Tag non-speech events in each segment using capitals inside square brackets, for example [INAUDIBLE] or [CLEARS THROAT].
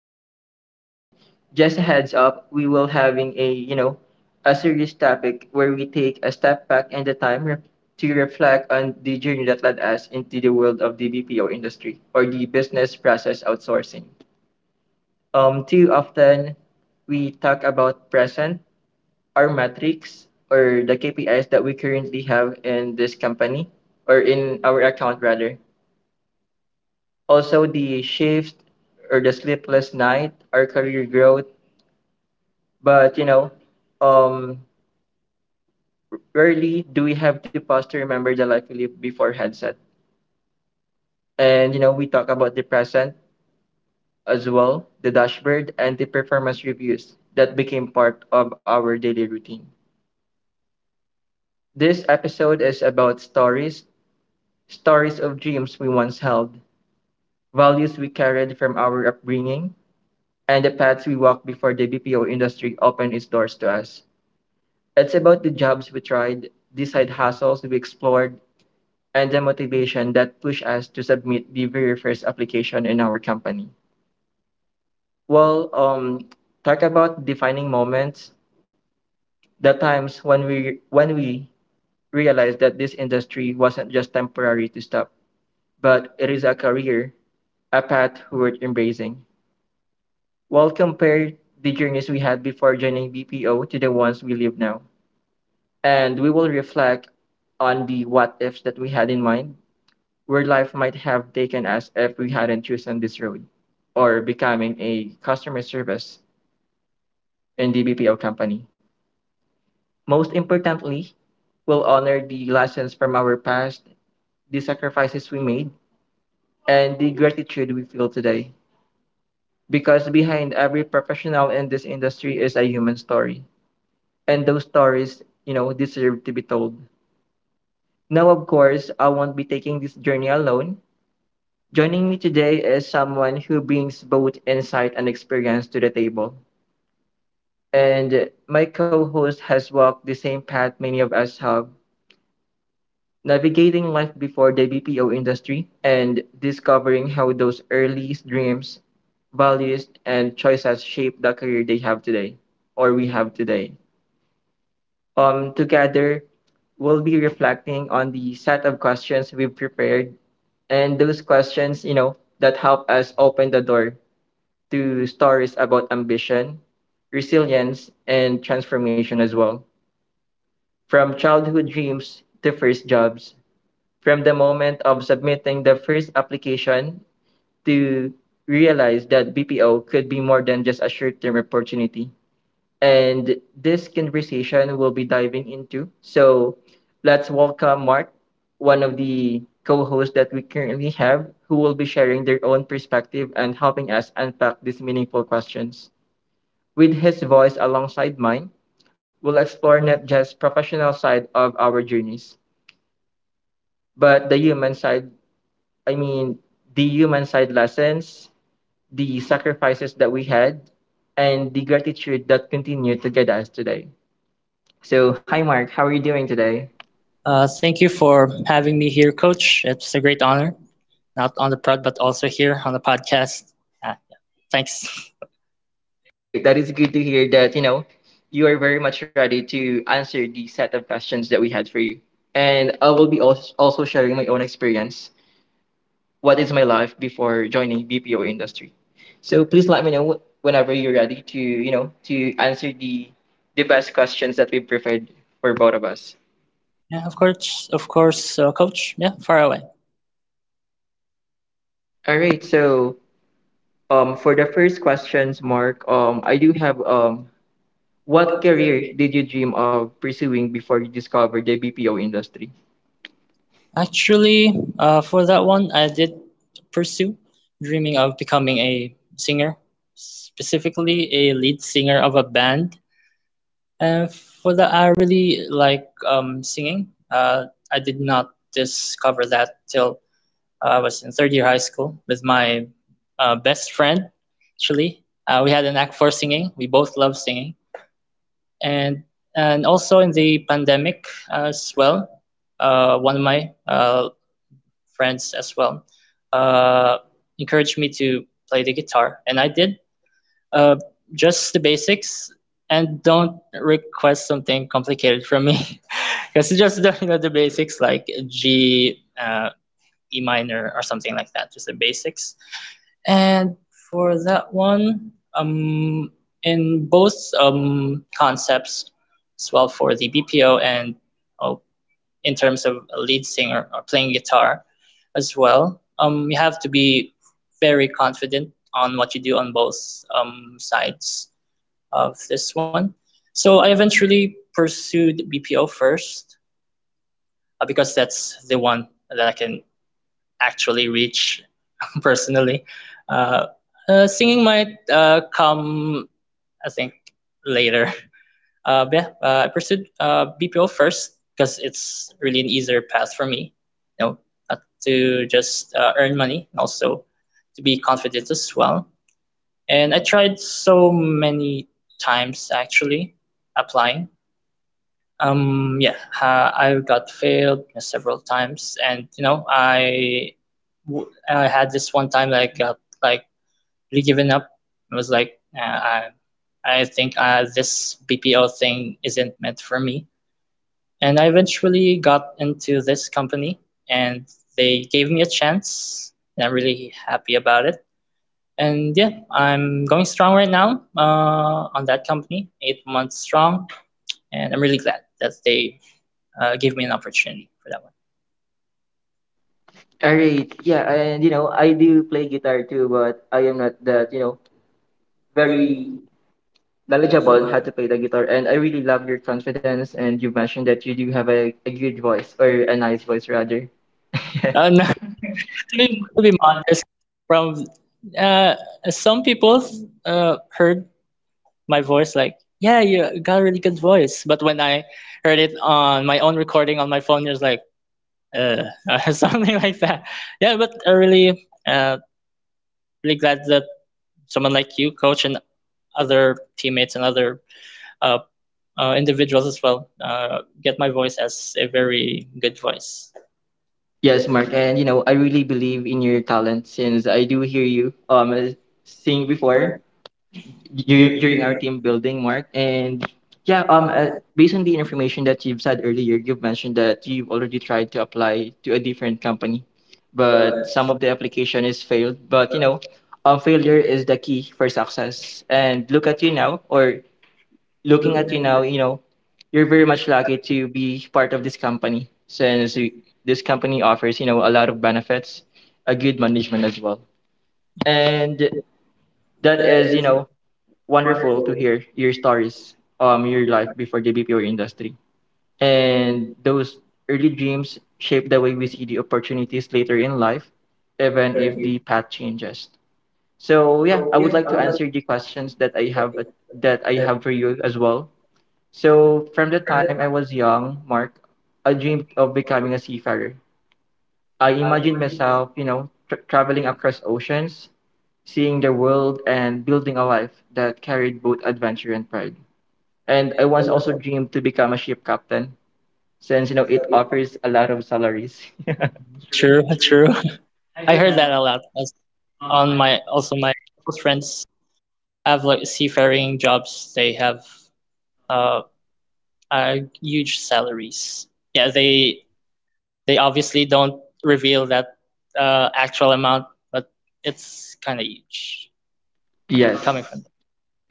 episode. And just a heads up, we will having a, a serious topic where we take a step back in the time to reflect on the journey that led us into the world of the BPO industry or the business process outsourcing. Too often we talk about present, our metrics, or the KPIs that we currently have in this company or in our account rather, also the shift or the sleepless night, our career growth. But um, rarely do we have to pause to remember the life we lived before headset. And you know, we talk about the present as well, the dashboard and the performance reviews that became part of our daily routine. This episode is about stories, stories of dreams we once held, values we carried from our upbringing, and the paths we walked before the BPO industry opened its doors to us. It's about the jobs we tried, the side hustles we explored, and the motivation that pushed us to submit the very first application in our company. Well, talk about defining moments, the times when we realized that this industry wasn't just temporary to stop, but it is a career, a path worth embracing. Well, compare the journeys we had before joining BPO to the ones we live now, and we will reflect on the what ifs that we had in mind, where life might have taken us if we hadn't chosen this road, or becoming a customer service in the company. Most importantly, we'll honor the lessons from our past, the sacrifices we made, and the gratitude we feel today. Because behind every professional in this industry is a human story. And those stories, you know, deserve to be told. Now, of course, I won't be taking this journey alone. Joining me today is someone who brings both insight and experience to the table. And my co host has walked the same path many of us have, navigating life before the BPO industry and discovering how those early dreams, values, and choices shape the career they have today, or we have today. Together, we'll be reflecting on the set of questions we've prepared, and those questions, you know, that help us open the door to stories about ambition, resilience, and transformation as well. From childhood dreams to first jobs, from the moment of submitting the first application to realize that BPO could be more than just a short term opportunity. And this conversation we'll be diving into. So let's welcome Mark, one of the co hosts that we currently have, who will be sharing their own perspective and helping us unpack these meaningful questions. With his voice alongside mine, we'll explore not just professional side of our journeys, but the human side. I mean, the human side lessons, the sacrifices that we had, and the gratitude that continue to guide us today. So, hi Mark, how are you doing today? Thank you for [LAUGHS] having me here, Coach. It's a great honor, not on the prod, but also here on the podcast. Uh, yeah. Thanks. [LAUGHS] All right, that is good to hear that, you know, you are very much ready to answer the set of questions that we had for you. And I will be also sharing my own experience what is my life before joining BPO industry. So please let me know whenever you're ready to you know to answer the best questions that we prepared for both of us. Yeah, of course, Coach. Yeah, far away. All right. So for the first questions, Mark, I do have what career did you dream of pursuing before you discovered the BPO industry? Actually, for that one, I did pursue dreaming of becoming a singer, specifically a lead singer of a band. And for that, I really like singing. I did not discover that till I was in third year high school with my best friend, actually. We had a knack for singing. We both love singing, and also in the pandemic as well, one of my friends as well uh, encouraged me to play the guitar, and I did uh, just the basics. And don't request something complicated from me, because [LAUGHS] it's just the the basics like G, E minor, or something like that, just the basics. And for that one, in both concepts, as well for the BPO and oh, in terms of a lead singer or playing guitar as well, you have to be very confident on what you do on both sides of this one. So I eventually pursued BPO first because that's the one that I can actually reach [LAUGHS] personally. Uh, Singing might come, I think, later. But yeah, I pursued BPO first because it's really an easier path for me. You know, not to just earn money, also to be confident as well. And I tried so many times actually applying um, yeah, I got failed several times, and you know, I had this one time that I got like really given up. It was like, I think this BPO thing isn't meant for me. And I eventually got into this company, and they gave me a chance, and I'm really happy about it. And yeah, I'm going strong right now on that company, 8 months strong, and I'm really glad that they gave me an opportunity for that one. All right. Yeah, and you know I do play guitar too, but I am not that you know very knowledgeable on how to play the guitar. And I really love your confidence, and you mentioned that you do have a good voice or a nice voice rather. No, [LAUGHS] to be modest, from uh, some people heard my voice like, yeah, you got a really good voice. But when I heard it on my own recording on my phone, it was like, uh, [LAUGHS] something like that. Yeah, but I really, really glad that someone like you, coach, and other teammates and other uh, individuals as well get my voice as a very good voice. Yes, Mark, and you know I really believe in your talent, since I do hear you sing before during our team building, Mark. And yeah, based on the information that you've said earlier, you've mentioned that you've already tried to apply to a different company, but some of the application is failed. But you know, failure is the key for success. And look at you now, or looking at you now, you know, you're very much lucky to be part of this company since this company offers, you know, a lot of benefits, a good management as well. And that is, you know, wonderful to hear your stories, your life before the BPO industry. And those early dreams shape the way we see the opportunities later in life, even if the path changes. So yeah, I would like to answer the questions that I have for you as well. So, from the time I was young, Mark, I dreamed of becoming a seafarer. I imagined myself, you know, traveling across oceans, seeing the world, and building a life that carried both adventure and pride. And I once also dreamed to become a ship captain, since, you know, it offers a lot of salaries. True, true. I heard that a lot as on my also my close friends have like seafaring jobs. They have uh, uh huge salaries. Yeah, they obviously don't reveal that actual amount, but it's kind of huge [LAUGHS] Yes, coming from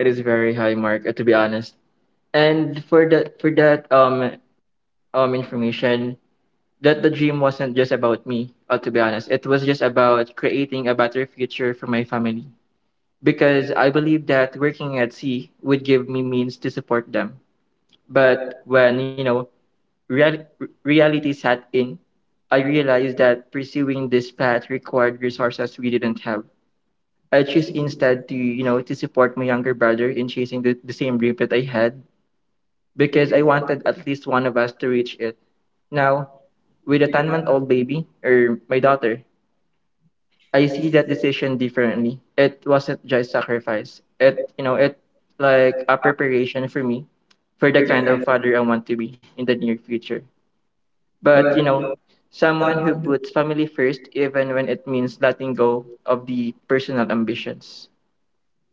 it is very high, Mark, to be honest. And for that information, that the dream wasn't just about me, to be honest. It was just about creating a better future for my family. Because I believe that working at sea would give me means to support them. But when, you know, real- reality set in, I realized that pursuing this path required resources we didn't have. I chose instead to, you know, to support my younger brother in chasing the same dream that I had, because I wanted at least one of us to reach it. Now, with a 10-month-old baby or my daughter, I see that decision differently. It wasn't just sacrifice. It you know it like a preparation for me for the kind of father I want to be in the near future. But you know, someone who puts family first even when it means letting go of the personal ambitions.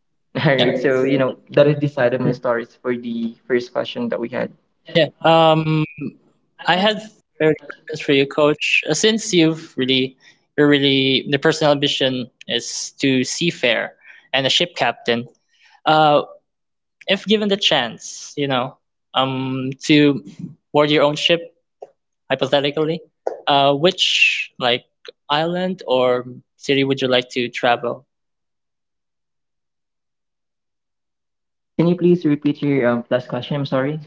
[LAUGHS] All right. So you know that is the side of my stories for the first question that we had. Yeah. I had fairly questions for you, Coach. Since you've really, you're really the personal ambition is to seafair and a ship captain. Uh, if given the chance, you know, to board your own ship, hypothetically, which like island or city would you like to travel? Can you please repeat your last question? I'm sorry.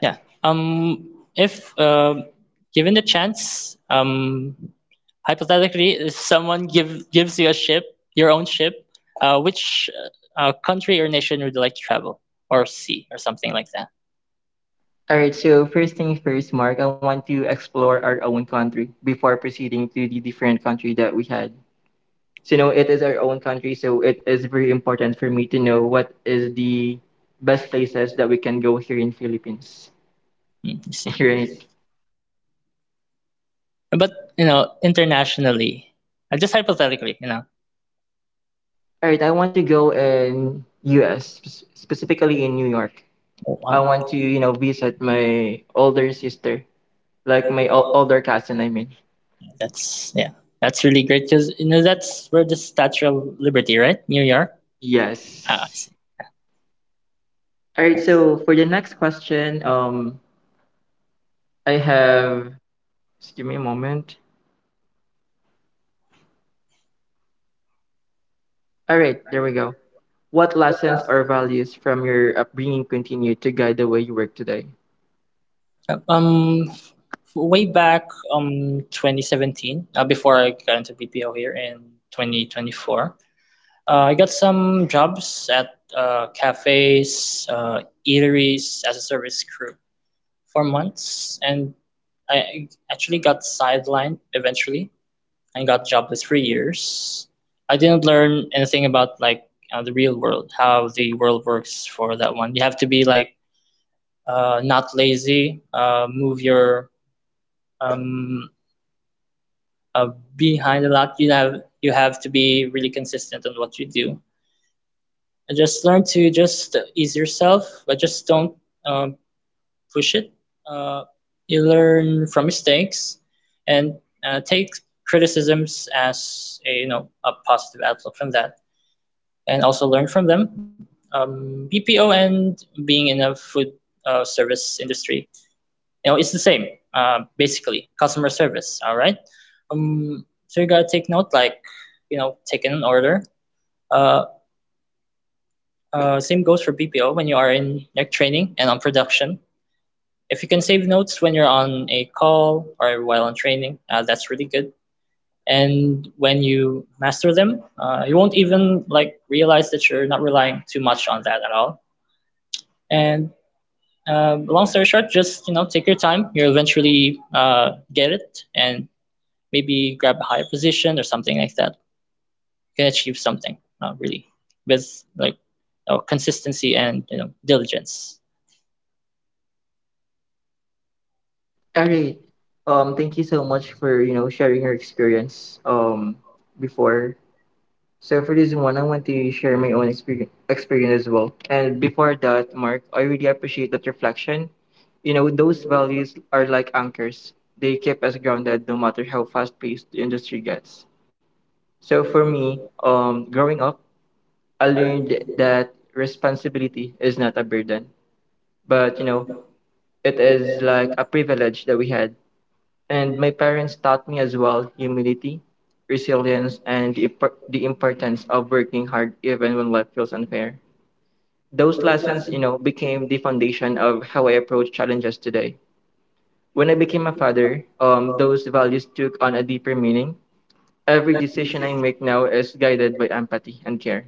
Yeah. Um, if given the chance, hypothetically, if gives you a ship, your own ship, which country or nation would you like to travel or see or something like that? All right, so first thing first, Mark, I want to explore our own country before proceeding to the different country that we had. So, you know, it is our own country, so it is very important for me to know what is the best places that we can go here in Philippines. Mm, you see. [LAUGHS] Right. But, you know, internationally, just hypothetically, you know. All right, I want to go in US, specifically in New York. Oh, I want to, wow. you know, visit my older sister, like my older cousin, I mean. That's, yeah. That's really great because, you know, that's where the Statue of Liberty, right? New York? Yes. Ah, I see. All right, so for the next question, I have. Just give me a moment. All right, there we go. What lessons or values from your upbringing continue to guide the way you work today? Uh, Um, f- Way back 2017, before I got into BPO here in 2024, I got some jobs at cafes, eateries as a service crew for months, and I actually got sidelined eventually and got jobless for years. I didn't learn anything about like the real world, how the world works for that one. You have to be like not lazy, move your um, uh, behind a lot. You have to be really consistent on what you do. And just learn to just ease yourself, but just don't um, push it. Uh, you learn from mistakes, and take criticisms as a a positive outlook from that, and also learn from them. BPO and being in a food service industry you know, it's the same, basically, customer service. All right. So you gotta take note, like, you know, taking an order. Uh, same goes for BPO when you are in like training and on production. If you can save notes when you're on a call or while on training, that's really good. And when you master them, you won't even like realize that you're not relying too much on that at all. And long story short, just you know, take your time. You'll eventually get it, and maybe grab a higher position or something like that. You can achieve something really with like you know, consistency and you know diligence. All right. Thank you so much for you know sharing your experience. Before. So for this one, I want to share my own experience as well. And before that, Mark, I really appreciate that reflection. You know, those values are like anchors. They keep us grounded no matter how fast paced the industry gets. So for me, growing up, I learned that responsibility is not a burden, but you know, it is like a privilege that we had. And my parents taught me as well humility, resilience, and the importance of working hard even when life feels unfair. Those lessons, you know, became the foundation of how I approach challenges today. When I became a father, those values took on a deeper meaning. Every decision I make now is guided by empathy and care,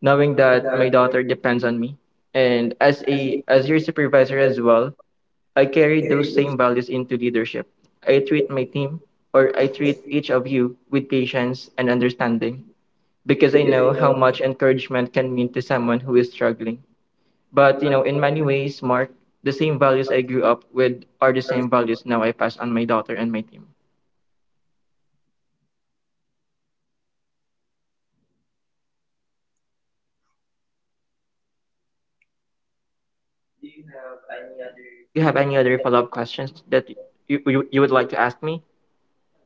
knowing that my daughter depends on me. And as a as your supervisor as well, I carry those same values into leadership. I treat my team or I treat each of you with patience and understanding, because I know how much encouragement can mean to someone who is struggling. But you know, in many ways, Mark, the same values I grew up with are the same values now I pass on my daughter and my team. Do you have any other follow-up questions that you would like to ask me?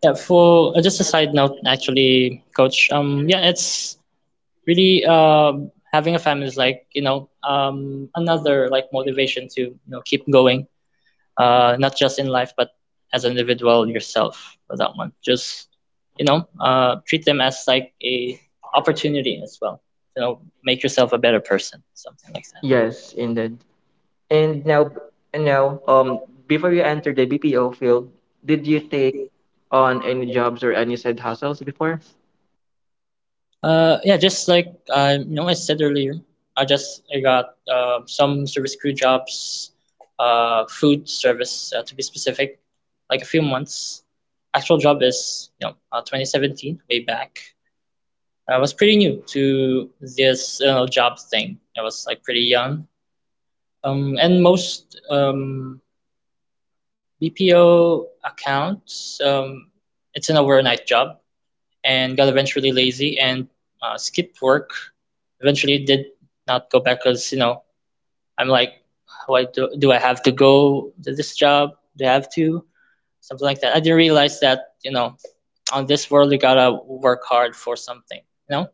Yeah, for just a side note, actually, coach. Yeah, it's really having a family is like you know another like motivation to you know keep going not just in life, but as an individual yourself for that one. Just, you know, treat them as like a opportunity as well. You know, make yourself a better person, something like that. Yes, indeed. And now, and now, before you entered the BPO field, did you take on any jobs or any side hustles before? Yeah, just like you know, I said earlier, I got some service crew jobs, food service to be specific, like a few months. Actual job is you know 2017, way back I was pretty new to this job thing. I was like pretty young. And most BPO accounts, it's an overnight job, and got eventually lazy and skipped work. Eventually, did not go back because you know I'm like, why do I have to go to this job? Do I have to something like that? I didn't realize that you know, on this world you gotta work hard for something. You know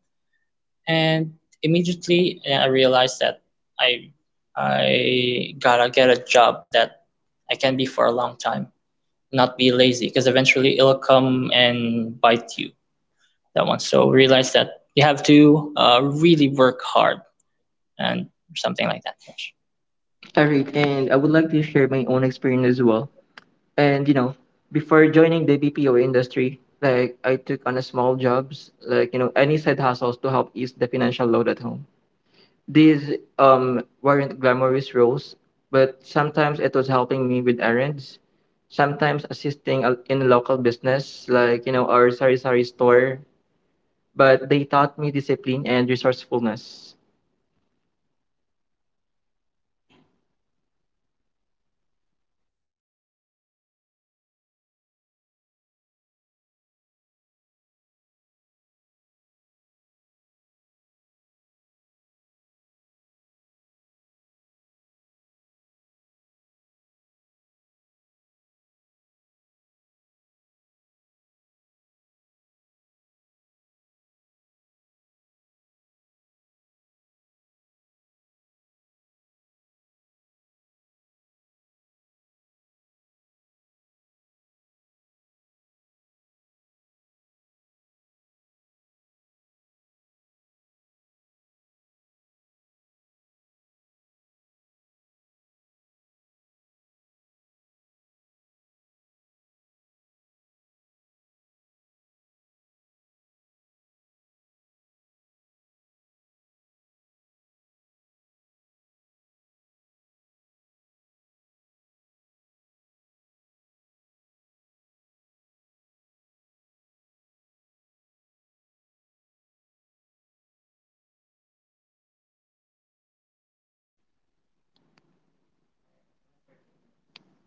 And immediately I realized that I I gotta get a job that I can be for a long time, not be lazy, because eventually it'll come and bite you. That one. So realize that you have to really work hard and something like that. All right, and I would like to share my own experience as well. And you know, before joining the BPO industry, like I took on a small jobs, like you know, any side hustles to help ease the financial load at home. These weren't glamorous roles, but sometimes it was helping me with errands, sometimes assisting in a local business like you know our sari sari store, but they taught me discipline and resourcefulness.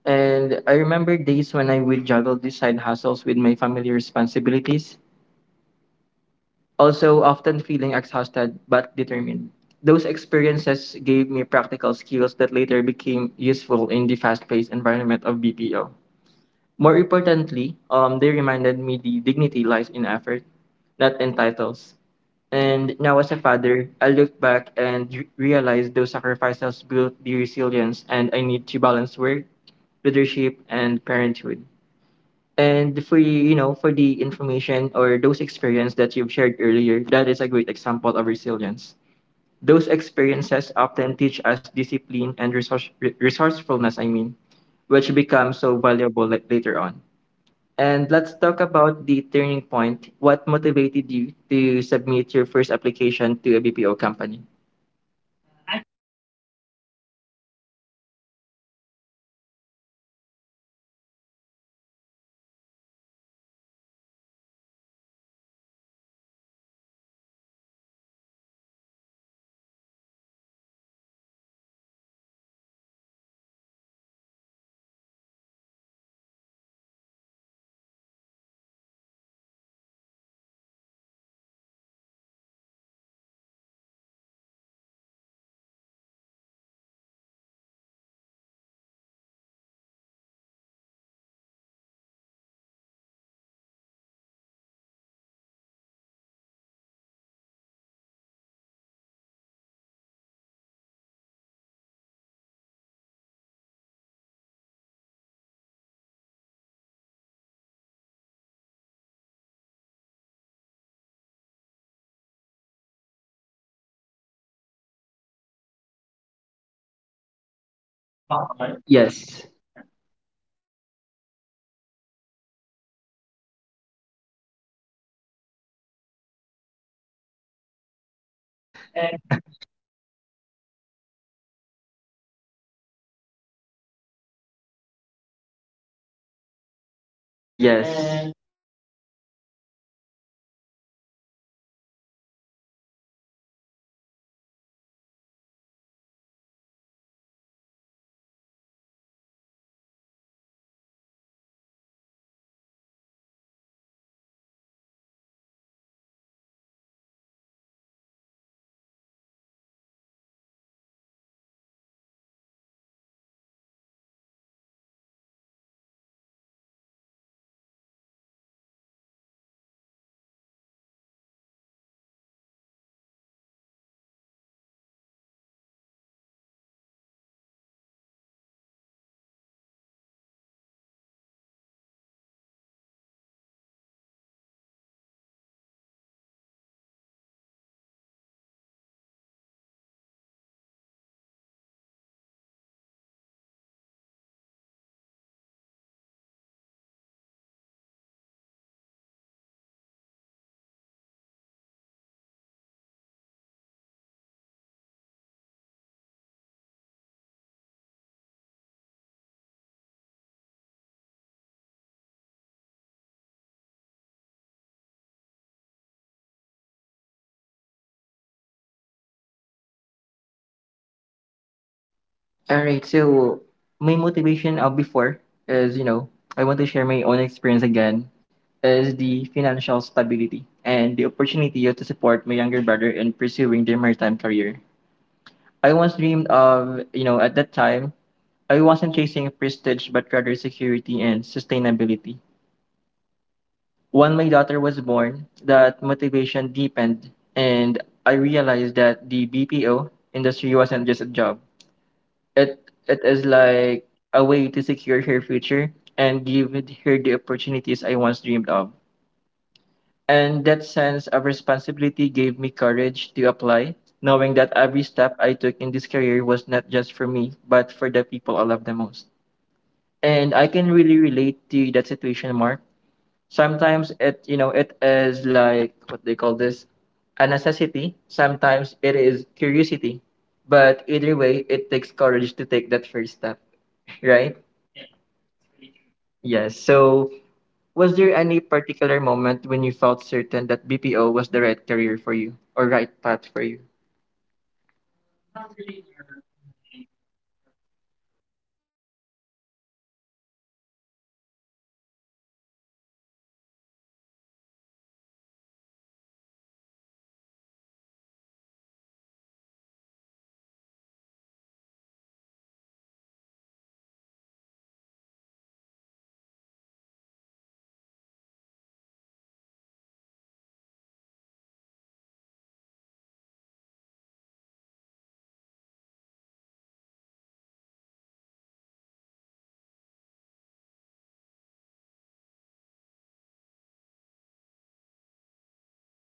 And I remember days when I would juggle these side hustles with my family responsibilities, also often feeling exhausted but determined. Those experiences gave me practical skills that later became useful in the fast paced environment of BPO. More importantly, they reminded me the dignity lies in effort, not in titles. And now, as a father, I look back and realize those sacrifices built the resilience, and I need to balance work, leadership and parenthood. And for you know, for the information or those experience that you've shared earlier, that is a great example of resilience. Those experiences often teach us discipline and resourcefulness, I mean, which becomes so valuable later on. And let's talk about the turning point. What motivated you to submit your first application to a BPO company? This one is more of like a who, if I can answer that question. I had my best friend support me on that one because he's on a telco account in a, PPO company here in Bacolod, which he has already a position. So I got a little backing from that. Uh, but all that is all me for the application and all that. At first, I was pretty nervous, like all of us, in our first times, and it's first time trying something new. I really got nervous, and the air conditioning didn't help through that. I got through those non-voice tests, like you know, typing tests, listening tests, and almost fumbled that listening test on that one. But I did plow it through. But on the one that you have to talk, what's it called? Like a mock call, right? Coach, a mock call, right? Yes. Yes. yeah. I was really nervous, obviously, [LAUGHS] and I was really shaking, and that full blast aircon [LAUGHS] didn't help at all. [LAUGHS] and she asked how would I sell this phone? Because you know it's on a telco account. You have to sell something, right? Yes. And what's unique about it that she asked me, and how would I sell this phone? And I'm like, holy how [LAUGHS] how would I sell this phone to her? It's you know I know it's like a mock call something like that. I did make up some very far-fetched out of this world for a phone uh, for this one I did say that the phone has a connection even if you're like 20 feet underground [LAUGHS] or something like that, but if you get it for free, if you buy a subscription or get an account on their account, and that it's downhill from there. And after that she said that you know you're really pretty good at this considering it's your first time applying. So in my head I said I didn't think so. I was really unconfident at that time, so at least for me. But from that phrase, that moment on, someone praised me uh, from that, and I did gain a little bit on confidence on that. And yeah, I did like have it as an anchor for me to you know pursue a further BPO applications. All right. So my motivation of before is, you know, I want to share my own experience again is the financial stability and the opportunity to support my younger brother in pursuing their maritime career. I once dreamed of, you know, at that time, I wasn't chasing prestige but rather security and sustainability. When my daughter was born, that motivation deepened and I realized that the BPO industry wasn't just a job. It it is like a way to secure her future and give her the opportunities I once dreamed of. And that sense of responsibility gave me courage to apply, knowing that every step I took in this career was not just for me, but for the people I love the most. And I can really relate to that situation, Mark. Sometimes it, you know, it is like what they call this a necessity. Sometimes it is curiosity. But either way, it takes courage to take that first step, [LAUGHS] right? Yeah, that's really true. Yes. So, was there any particular moment when you felt certain that BPO was the right career for you or right path for you? Not really in a really particular way, but if I have to pick some moments, it'll be every time I apply to a BPO company. And from that moment, you know, the telco account, um, mock call, and the curator praised me that I did a good job. I did uh, use it as an anchor. I got really confident that every time I apply for a BPO company, um, confident that I'll get in. And with what I'm doing so far in this BPO company,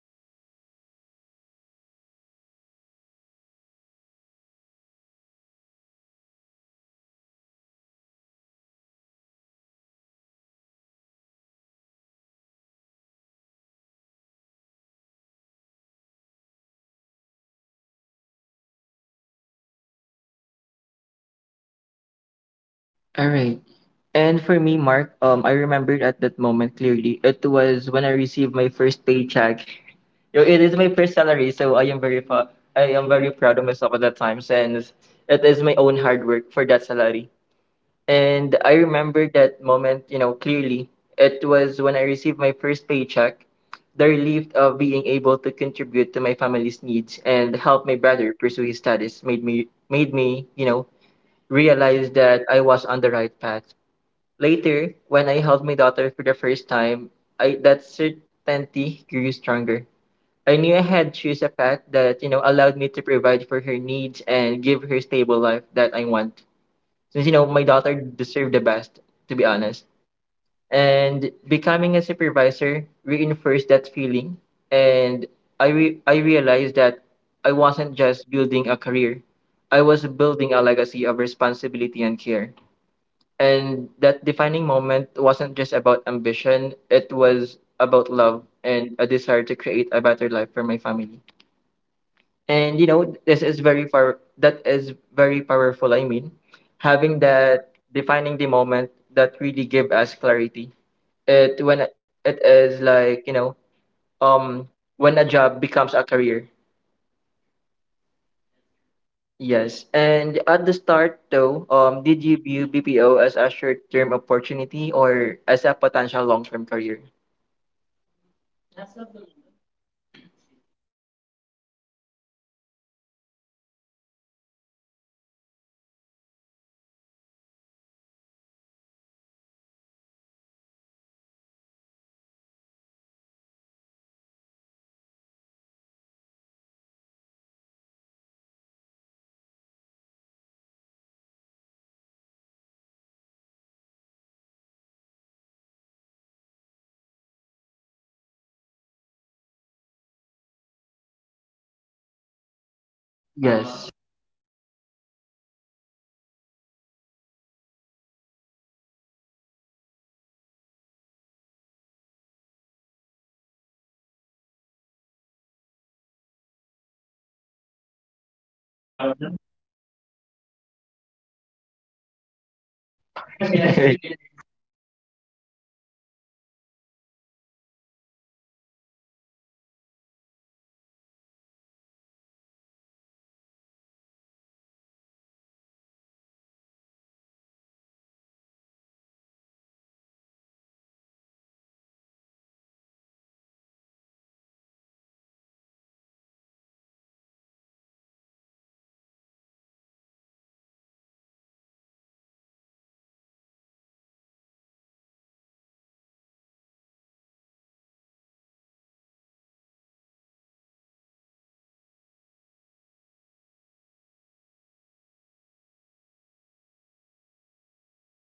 and got into the right account. Really good benefits, and at least for the time being, I'm really grateful that the company really gave me an opportunity to uh, grow as a person and give me some chances to prove myself. Uh, as for the moment, for this month, coach. All right. And for me, Mark, I remembered at that moment clearly. It was when I received my first paycheck. Yo, it is my first salary, so I am I am All very right. proud of myself at that time since That's it. it is my own hard work for that salary. And I remember that moment, you know, clearly. It was when I received my first paycheck, the relief of being able to contribute to my family's needs and help my brother pursue his studies made me, you know, realize that I was on the right path. Later, when I held my daughter for the first time, I that certainty grew stronger. I knew I had choose a path that, you know, allowed me to provide for her needs and give her stable life that I want, since you know my daughter deserved the best, to be honest. And becoming a supervisor reinforced that feeling, and I realized that I wasn't just building a career, I was building a legacy of responsibility and care. And that defining moment wasn't just about ambition; it was about love and a desire to create a better life for my family. And you know, this is very far that is very powerful, I mean, having that defining the moment, that really give us clarity. It when it is like, you know, um when a job becomes a career. True. That's true. Yes. And at the start though, did you view BPO as a short-term opportunity or as a potential long-term career? Um, as of the moment, [CLEARS THROAT] excuse me, uh, it's a bit of a both long and short term. Uh, Long term, as in a sense, as long as you know, I keep doing my best here in the company. I've got no worries at all. I'll keep it here for long term. And for the short-term process, some see BPO as a stepping stone. Like you, coach, you know, your primary ambition, real ambition, is to be a seafarer, right? Yes. Somewhat that's a relation to that, a stepping stone for somewhat bigger, like you being dream of being a seafarer than BPO. I got I know teammates on our team that got their just got their teaching license. I'm really proud of them. Can I shout them out now? [LAUGHS] Can I say [LAUGHS] their Yes. names here? [LAUGHS] uh, I, obviously, I think I can. You know, just really proud of them, and they used the opportunity that this company you know gave them. I used as a stepping stone, and the company really helped them truly uh, achieve something they truly love. Eventually, there comes a time that they maybe eventually part ways with the company and pursue their dream. Again, I'm really you know proud of them. For me, for now, my current status is for long term. As of the moment, I'm saving up with me and my mom and my family actually to buy a land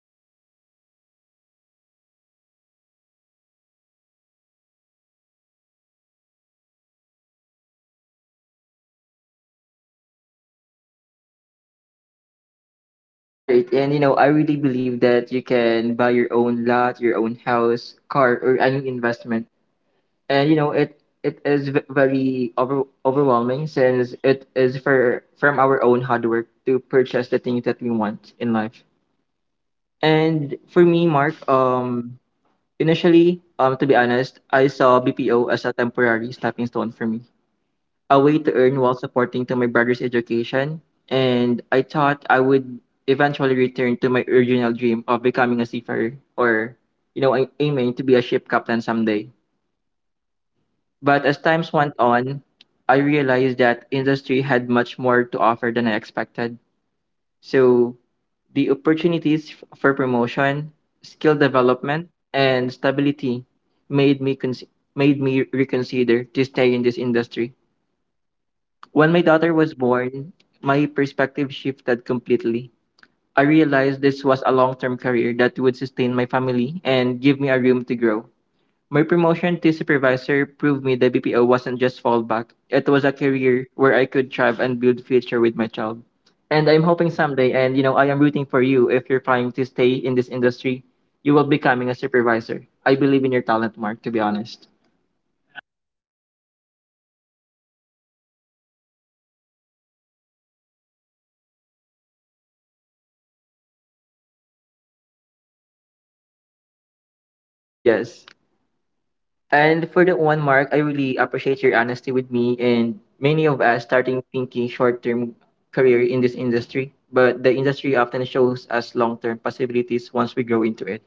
here in Negros. Hopefully, we'll play that out while I'm still here on the company and that will be definitely will be on my you know top 10 proud moments list. All right, and you know I really believe that you can buy your own lot, your own house, car or any investment. And you know, it it is very overwhelming, since it is for from our own hard work to purchase the things that we want in life. And for me, Mark, initially, to be honest, I saw BPO as a temporary stepping stone for me, a way to earn while supporting to my brother's education. And I thought I would eventually return to my original dream of becoming a seafarer or, you know, aiming to be a ship captain someday. But as times went on, I realized that industry had much more to offer than I expected. So the opportunities for promotion, skill development, and stability made me cons- made me reconsider to stay in this industry. When my daughter was born, my perspective shifted completely. I realized this was a long-term career that would sustain my family and give me a room to grow. My promotion to supervisor proved me that BPO wasn't just fallback. It was a career where I could thrive and build future with my child. And I'm hoping someday, and you know, I am rooting for you if you're trying to stay in this industry, you will becoming a supervisor. I believe in your talent, Mark, to be honest. Thank you, coach. Really, [LAUGHS] really, thankful. I really don't have any words, but I think it's you know far from that, but really thanks. Yes. And for that one, Mark, I really appreciate your honesty with me and many of us starting thinking short-term career in this industry, but the industry often shows us long-term possibilities once we grow into it.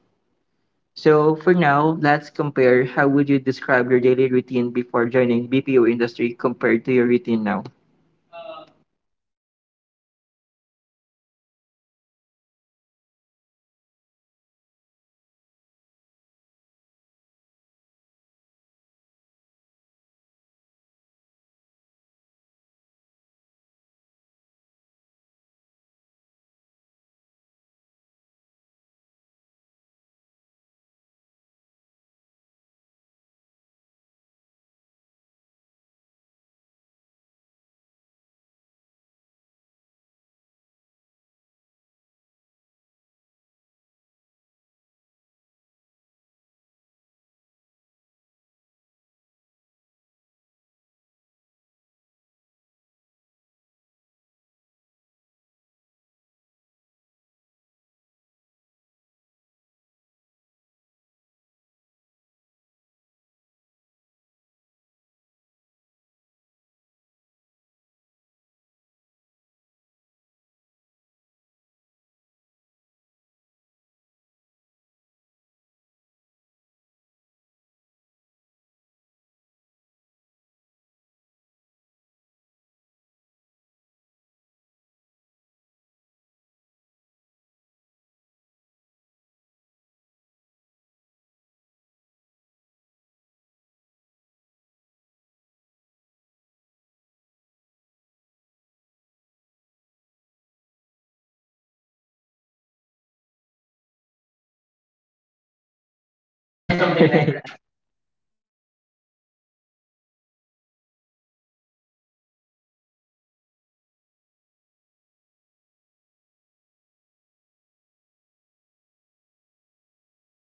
So for now, let's compare, how would you describe your daily routine before joining BPO industry compared to your routine now? Uh usually uh uh, way back when I was, you know, jobless for a couple of years, my daily routines are eat, sleep, phone, [LAUGHS] then repeat. And but when I got a solid job here in the company, there's really not much of a difference. Currently, when I didn't have a job list, I would say to a mom that if she has a couple of coins to spare, [LAUGHS] if to buy a soft drink or beverages or food. But now that I have a regular salary here in the company, the tables have turned. Um, if you don't believe me. [LAUGHS] Now she asks me for money, but of course, I know for family expenses and all, and also the land that I mentioned earlier. And also when it comes to friends, when day offs, I don't usually go out often. But if I did, uh, way back when I was jobless, usually they treat me and hang out and have a great time. But that's the difference. They just like treat me like, "Hey, Mark, come here, just hang out with us. We'll treat you," or something like that. And yeah, really shout out to them. Really great friends. But now that I have a job, and actually, also there's not much of a difference. [LAUGHS] They still treat me if they have, but now I'll say, "Nah, I got you, man. How much? How much is the like 500? You got no 500? I got you," [LAUGHS] or Or something something like like that. [LAUGHS] that. [LAUGHS] You know, I had money, and I really proud of that of those moments. Not like to brag or something like that, but to you know, have something that on my hard work,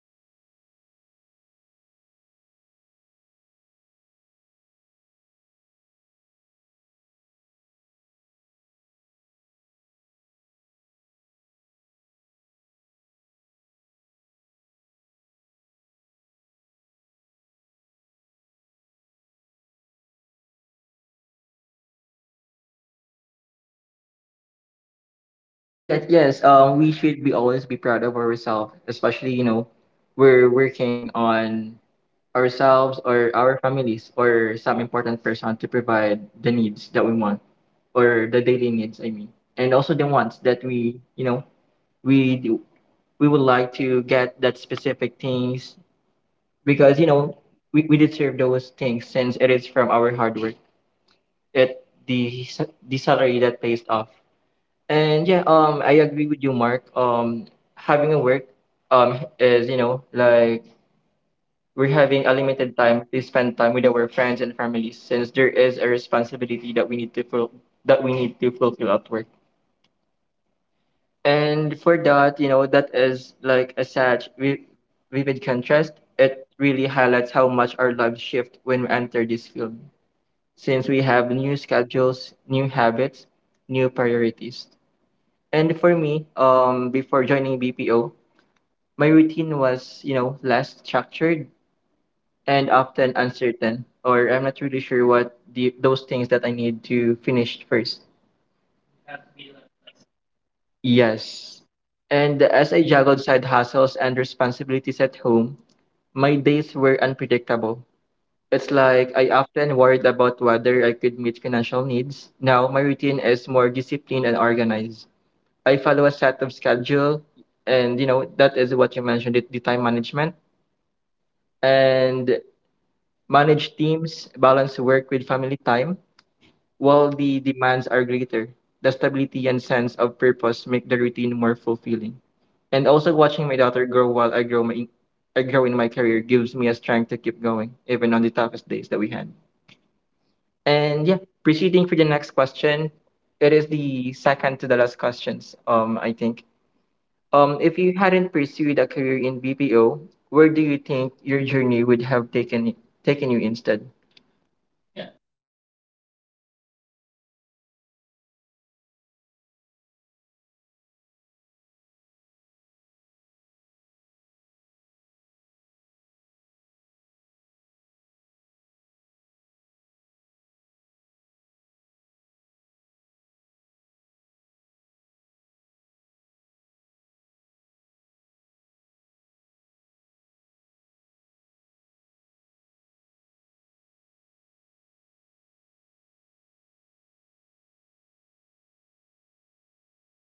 uh, it's like a sense of fulfillment that you don't have to rely too much on people in terms of that. But you know, every now and then you have to rely on them. But it's just a sense of fulfillment that ah yes, eventually I can buy these things and those if I do want it or something like that. I'm really proud of myself if you know if I say [LAUGHS] so myself for that one. All right, yes, we should be always be proud of ourselves, especially, you know, we're working on ourselves or our families or some important person to provide the needs that we want or the daily needs, I mean, and also the ones that we, you know, we do, we would like to get that specific things, because you know we deserve those things since it is from our hard work, that the salary that pays off. And yeah, I agree with you, Mark. Having a work, is you know like, we're having a limited time to spend time with our friends and families, since there is a responsibility that we that we need to fulfill at work. And for that, you know, that is like a vivid contrast. It really highlights how much our lives shift when we enter this field, since we have new schedules, new habits, new priorities. And for True. me, before joining BPO, my routine was, you know, less structured and often uncertain, or I'm not really sure what the, those things that I need to finish first. You have to be like flexible. Something like that. Yes. And as I juggled side hustles and responsibilities at home, my days were unpredictable. It's like I often worried about whether I could meet financial needs. Now my routine is more disciplined and organized. I follow a set of schedule, and you know that is what you mentioned it, the time management, and manage teams, balance work with family time, while the demands are greater. The stability and sense of purpose make the routine more fulfilling. And also watching my daughter grow while I grow my I grow in my career gives me a strength to keep going even on the toughest days that we had. And yeah, proceeding for the next question, it is the second to the last questions. I think If you hadn't pursued a career in BPO, where do you think your journey would have taken you instead? Yeah, on this one, I guess apart from singing lead band, I think that would be a little far fetched. [LAUGHS] That's one of my dreams. But if I do have like reach for a more reality here, we just I think still uh, uh, jobless, I guess. Uh, Lying on my bed, probably you know a couple of trips on a service crew jobs for a restaurant.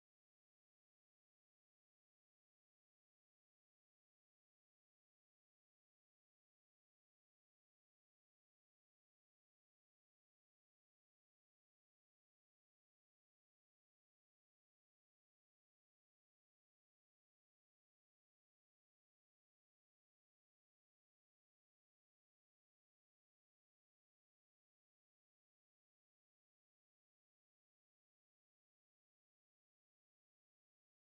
Way back, I actually helped mom on her work as a head cook on this food company here in Bacolod. Help her like deliver food, help her with the chores, something like that. And when I discovered the BPO, it's like you know the salary is big compared to uh, your normal job in the office, something like that. Uh,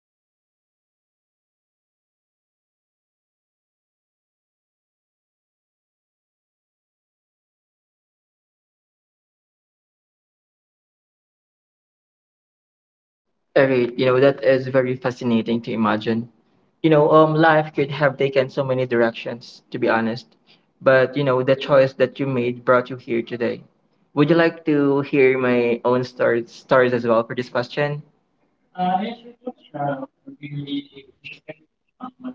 I'm really thankful for this company that really gave me a job and not being jobless. And that's what I realized um, till now, till I got the job. I'm really thankful for that. Alright, you know that is very fascinating to imagine. You know, life could have taken so many directions, to be honest. But you know, the choice that you made brought you here today. Would you like to hear my own stories as well for this question? Yeah, sure, coach. I would be really interested on what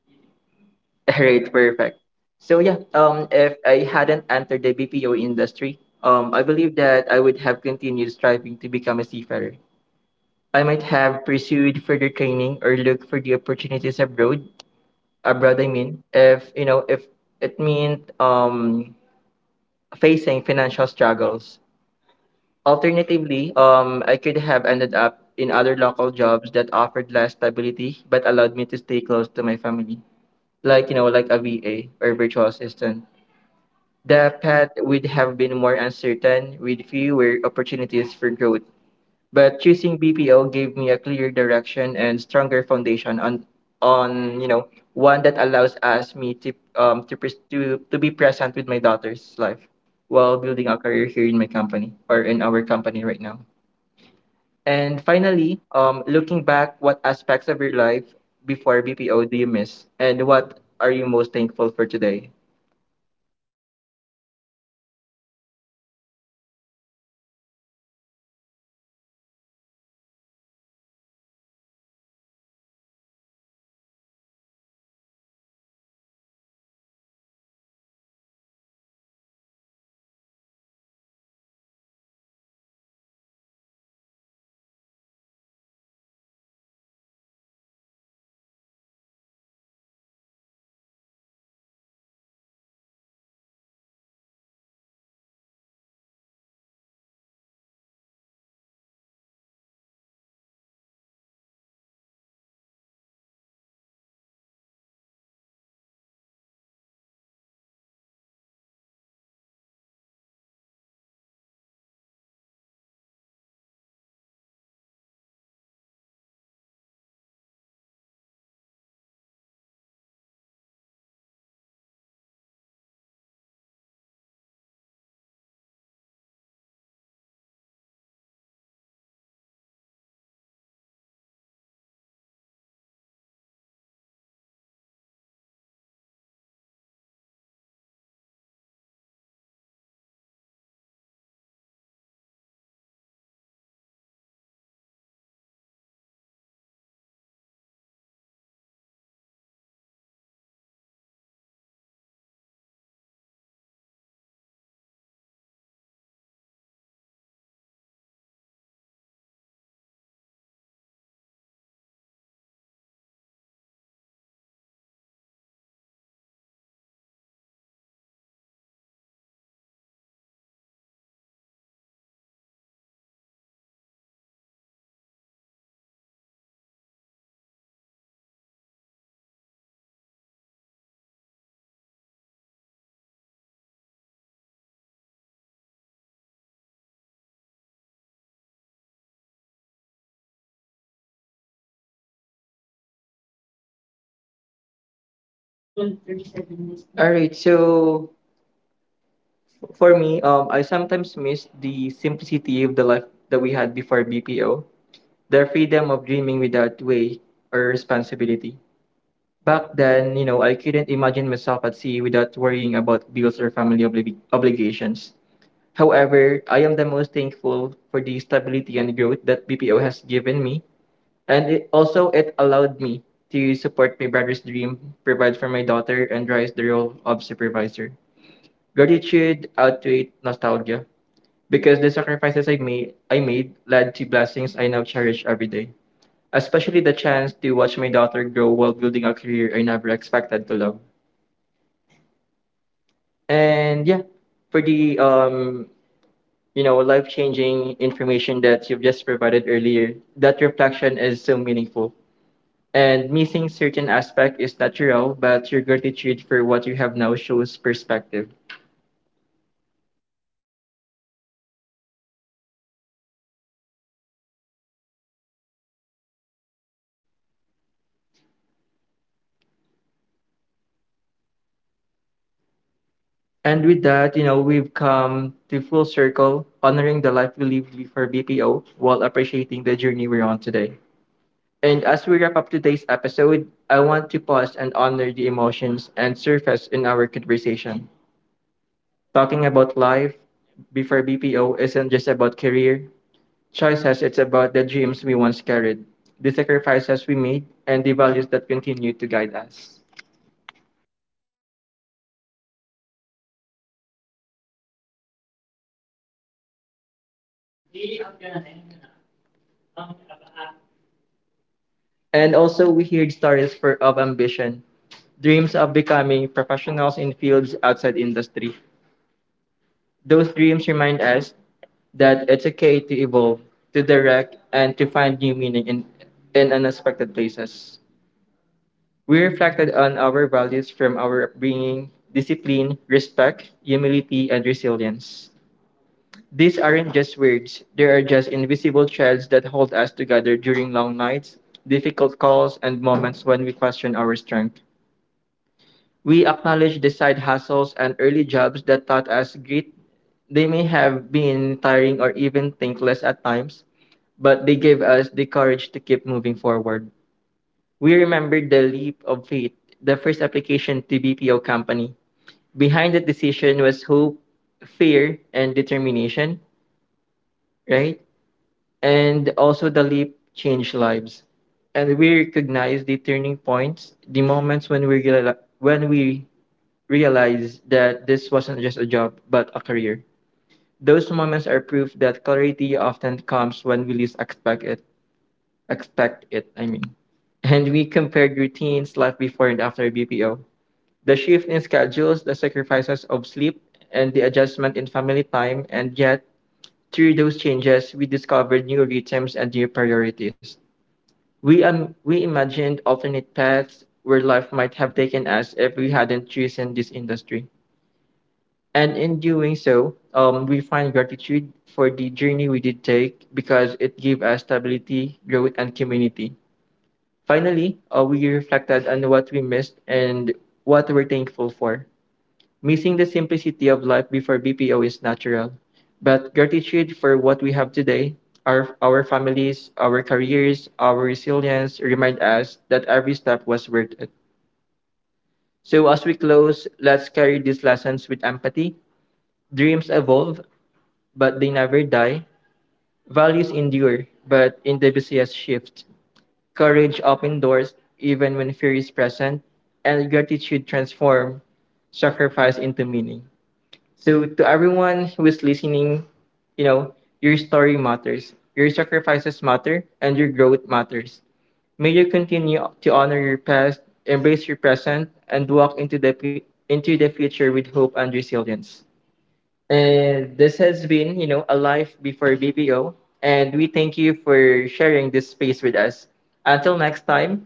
you do. Mhm. [LAUGHS] Right, Right. perfect. So yeah, if I hadn't entered the BPO industry, I believe that I would have continued striving to become a seafarer. I might have pursued further training or looked for the opportunities abroad. Abroad, I mean, if you know, if it meant facing financial struggles. Alternatively, I could have ended up in other local jobs that offered less stability but allowed me to stay close to my family, like you know, like a VA or virtual assistant. The path would have been more uncertain with fewer opportunities for growth. But choosing BPO gave me a clear direction and stronger foundation on, you know, one that allows us me to to be present with my daughter's life while building a career here in my company or in our company right now. And finally, looking back, what aspects of your life before BPO do you miss and what are you most thankful for today? Probably, coach. I miss my bed [LAUGHS] because you know most of us here relate. You'll be sleeping like a baby if you don't take like have schedule for work. That's really for me really gonna miss when I compared to when I was jobless because you know if you don't have a schedule you don't really need to think about the time and you like sleep till you know whatever time right, um, like on our day offs, something like that. And I think that's the only thing I really miss when I'm like jobless. I certainly do not miss being, you know, penniless. [LAUGHS] I'm really thankful for this company for giving me not just a job, but an opportunity to be myself and grow as an individual. And also, shout out to my mom, mom, hello, and my friends as well to help me not giving up. No, no. I, let me rephrase that. I thank them for not really giving up on me. You know, when I at some point I like what what's the point of you know having here? Um, and when I got this job, I got a sense of direction now. And when I'm about to you know give up something like that, without them, really, I don't really know where I'm going to be at if it weren't for them. And really, also thankful for the company as well. And it's really redundant. It's really redundant that you know I'm thanking the company. Yeah, I'm really thankful. No, something like that, coach. Sige, it's no, not bad. All right, so for me, I sometimes miss the simplicity of the life that we had before BPO, the freedom of dreaming without way or responsibility. Back then, you know, I couldn't imagine myself at sea without worrying about bills or family obligations. However, I am the most thankful for the stability and growth that BPO has given me, and it also it allowed me to support my brother's dream, provide for my daughter, and rise the role of supervisor. Gratitude outweighed nostalgia because the sacrifices I made led to blessings I now cherish every day. Especially the chance to watch my daughter grow while building a career I never expected to love. And yeah, for the life-changing information that you've just provided earlier, that reflection is so meaningful. And missing certain aspect is natural, but your gratitude for what you have now shows perspective. And with that, you know, we've come to full circle, honoring the life we lived before BPO while appreciating the journey we're on today. And as we wrap up today's episode, I want to pause and honor the emotions and surface in our conversation. Talking about life before BPO isn't just about career choices, it's about the dreams we once carried, the sacrifices we made, and the values that continue to guide us. And also, we heard of ambition, dreams of becoming professionals in fields outside industry. Those dreams remind us that it's okay to evolve, to direct, and to find new meaning in unexpected places. We reflected on our values from our upbringing discipline, respect, humility, and resilience. These aren't just words, they are just invisible threads that hold us together during long nights, difficult calls, and moments when we question our strength. We acknowledge the side hustles and early jobs that taught us grit. They may have been tiring or even thankless at times, but they gave us the courage to keep moving forward. We remembered the leap of faith, the first application to BPO company. Behind the decision was hope, fear, and determination, right? And also the leap changed lives. And we recognize the turning points, the moments when we realize that this wasn't just a job, but a career. Those moments are proof that clarity often comes when we least expect it. Expect it, I mean. And we compared routines, life before and after BPO. The shift in schedules, the sacrifices of sleep, and the adjustment in family time, and yet, through those changes, we discovered new rhythms and new priorities. We imagined alternate paths where life might have taken us if we hadn't chosen this industry. And in doing so, we find gratitude for the journey we did take because it gave us stability, growth, and community. Finally, we reflected on what we missed and what we're thankful for. Missing the simplicity of life before BPO is natural, but gratitude for what we have today, our families, our careers, our resilience remind us that every step was worth it. So, as we close, let's carry these lessons with empathy. Dreams evolve, but they never die. Values endure, but individuals shift. Courage opens doors even when fear is present, and gratitude transforms sacrifice into meaning. So, to everyone who is listening, you know, your story matters, your sacrifices matter, and your growth matters. May you continue to honor your past, embrace your present, and walk into the future with hope and resilience. And this has been, you know, a life before BPO. And we thank you for sharing this space with us. Until next time,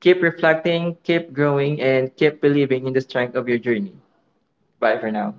keep reflecting, keep growing, and keep believing in the strength of your journey. Bye for now.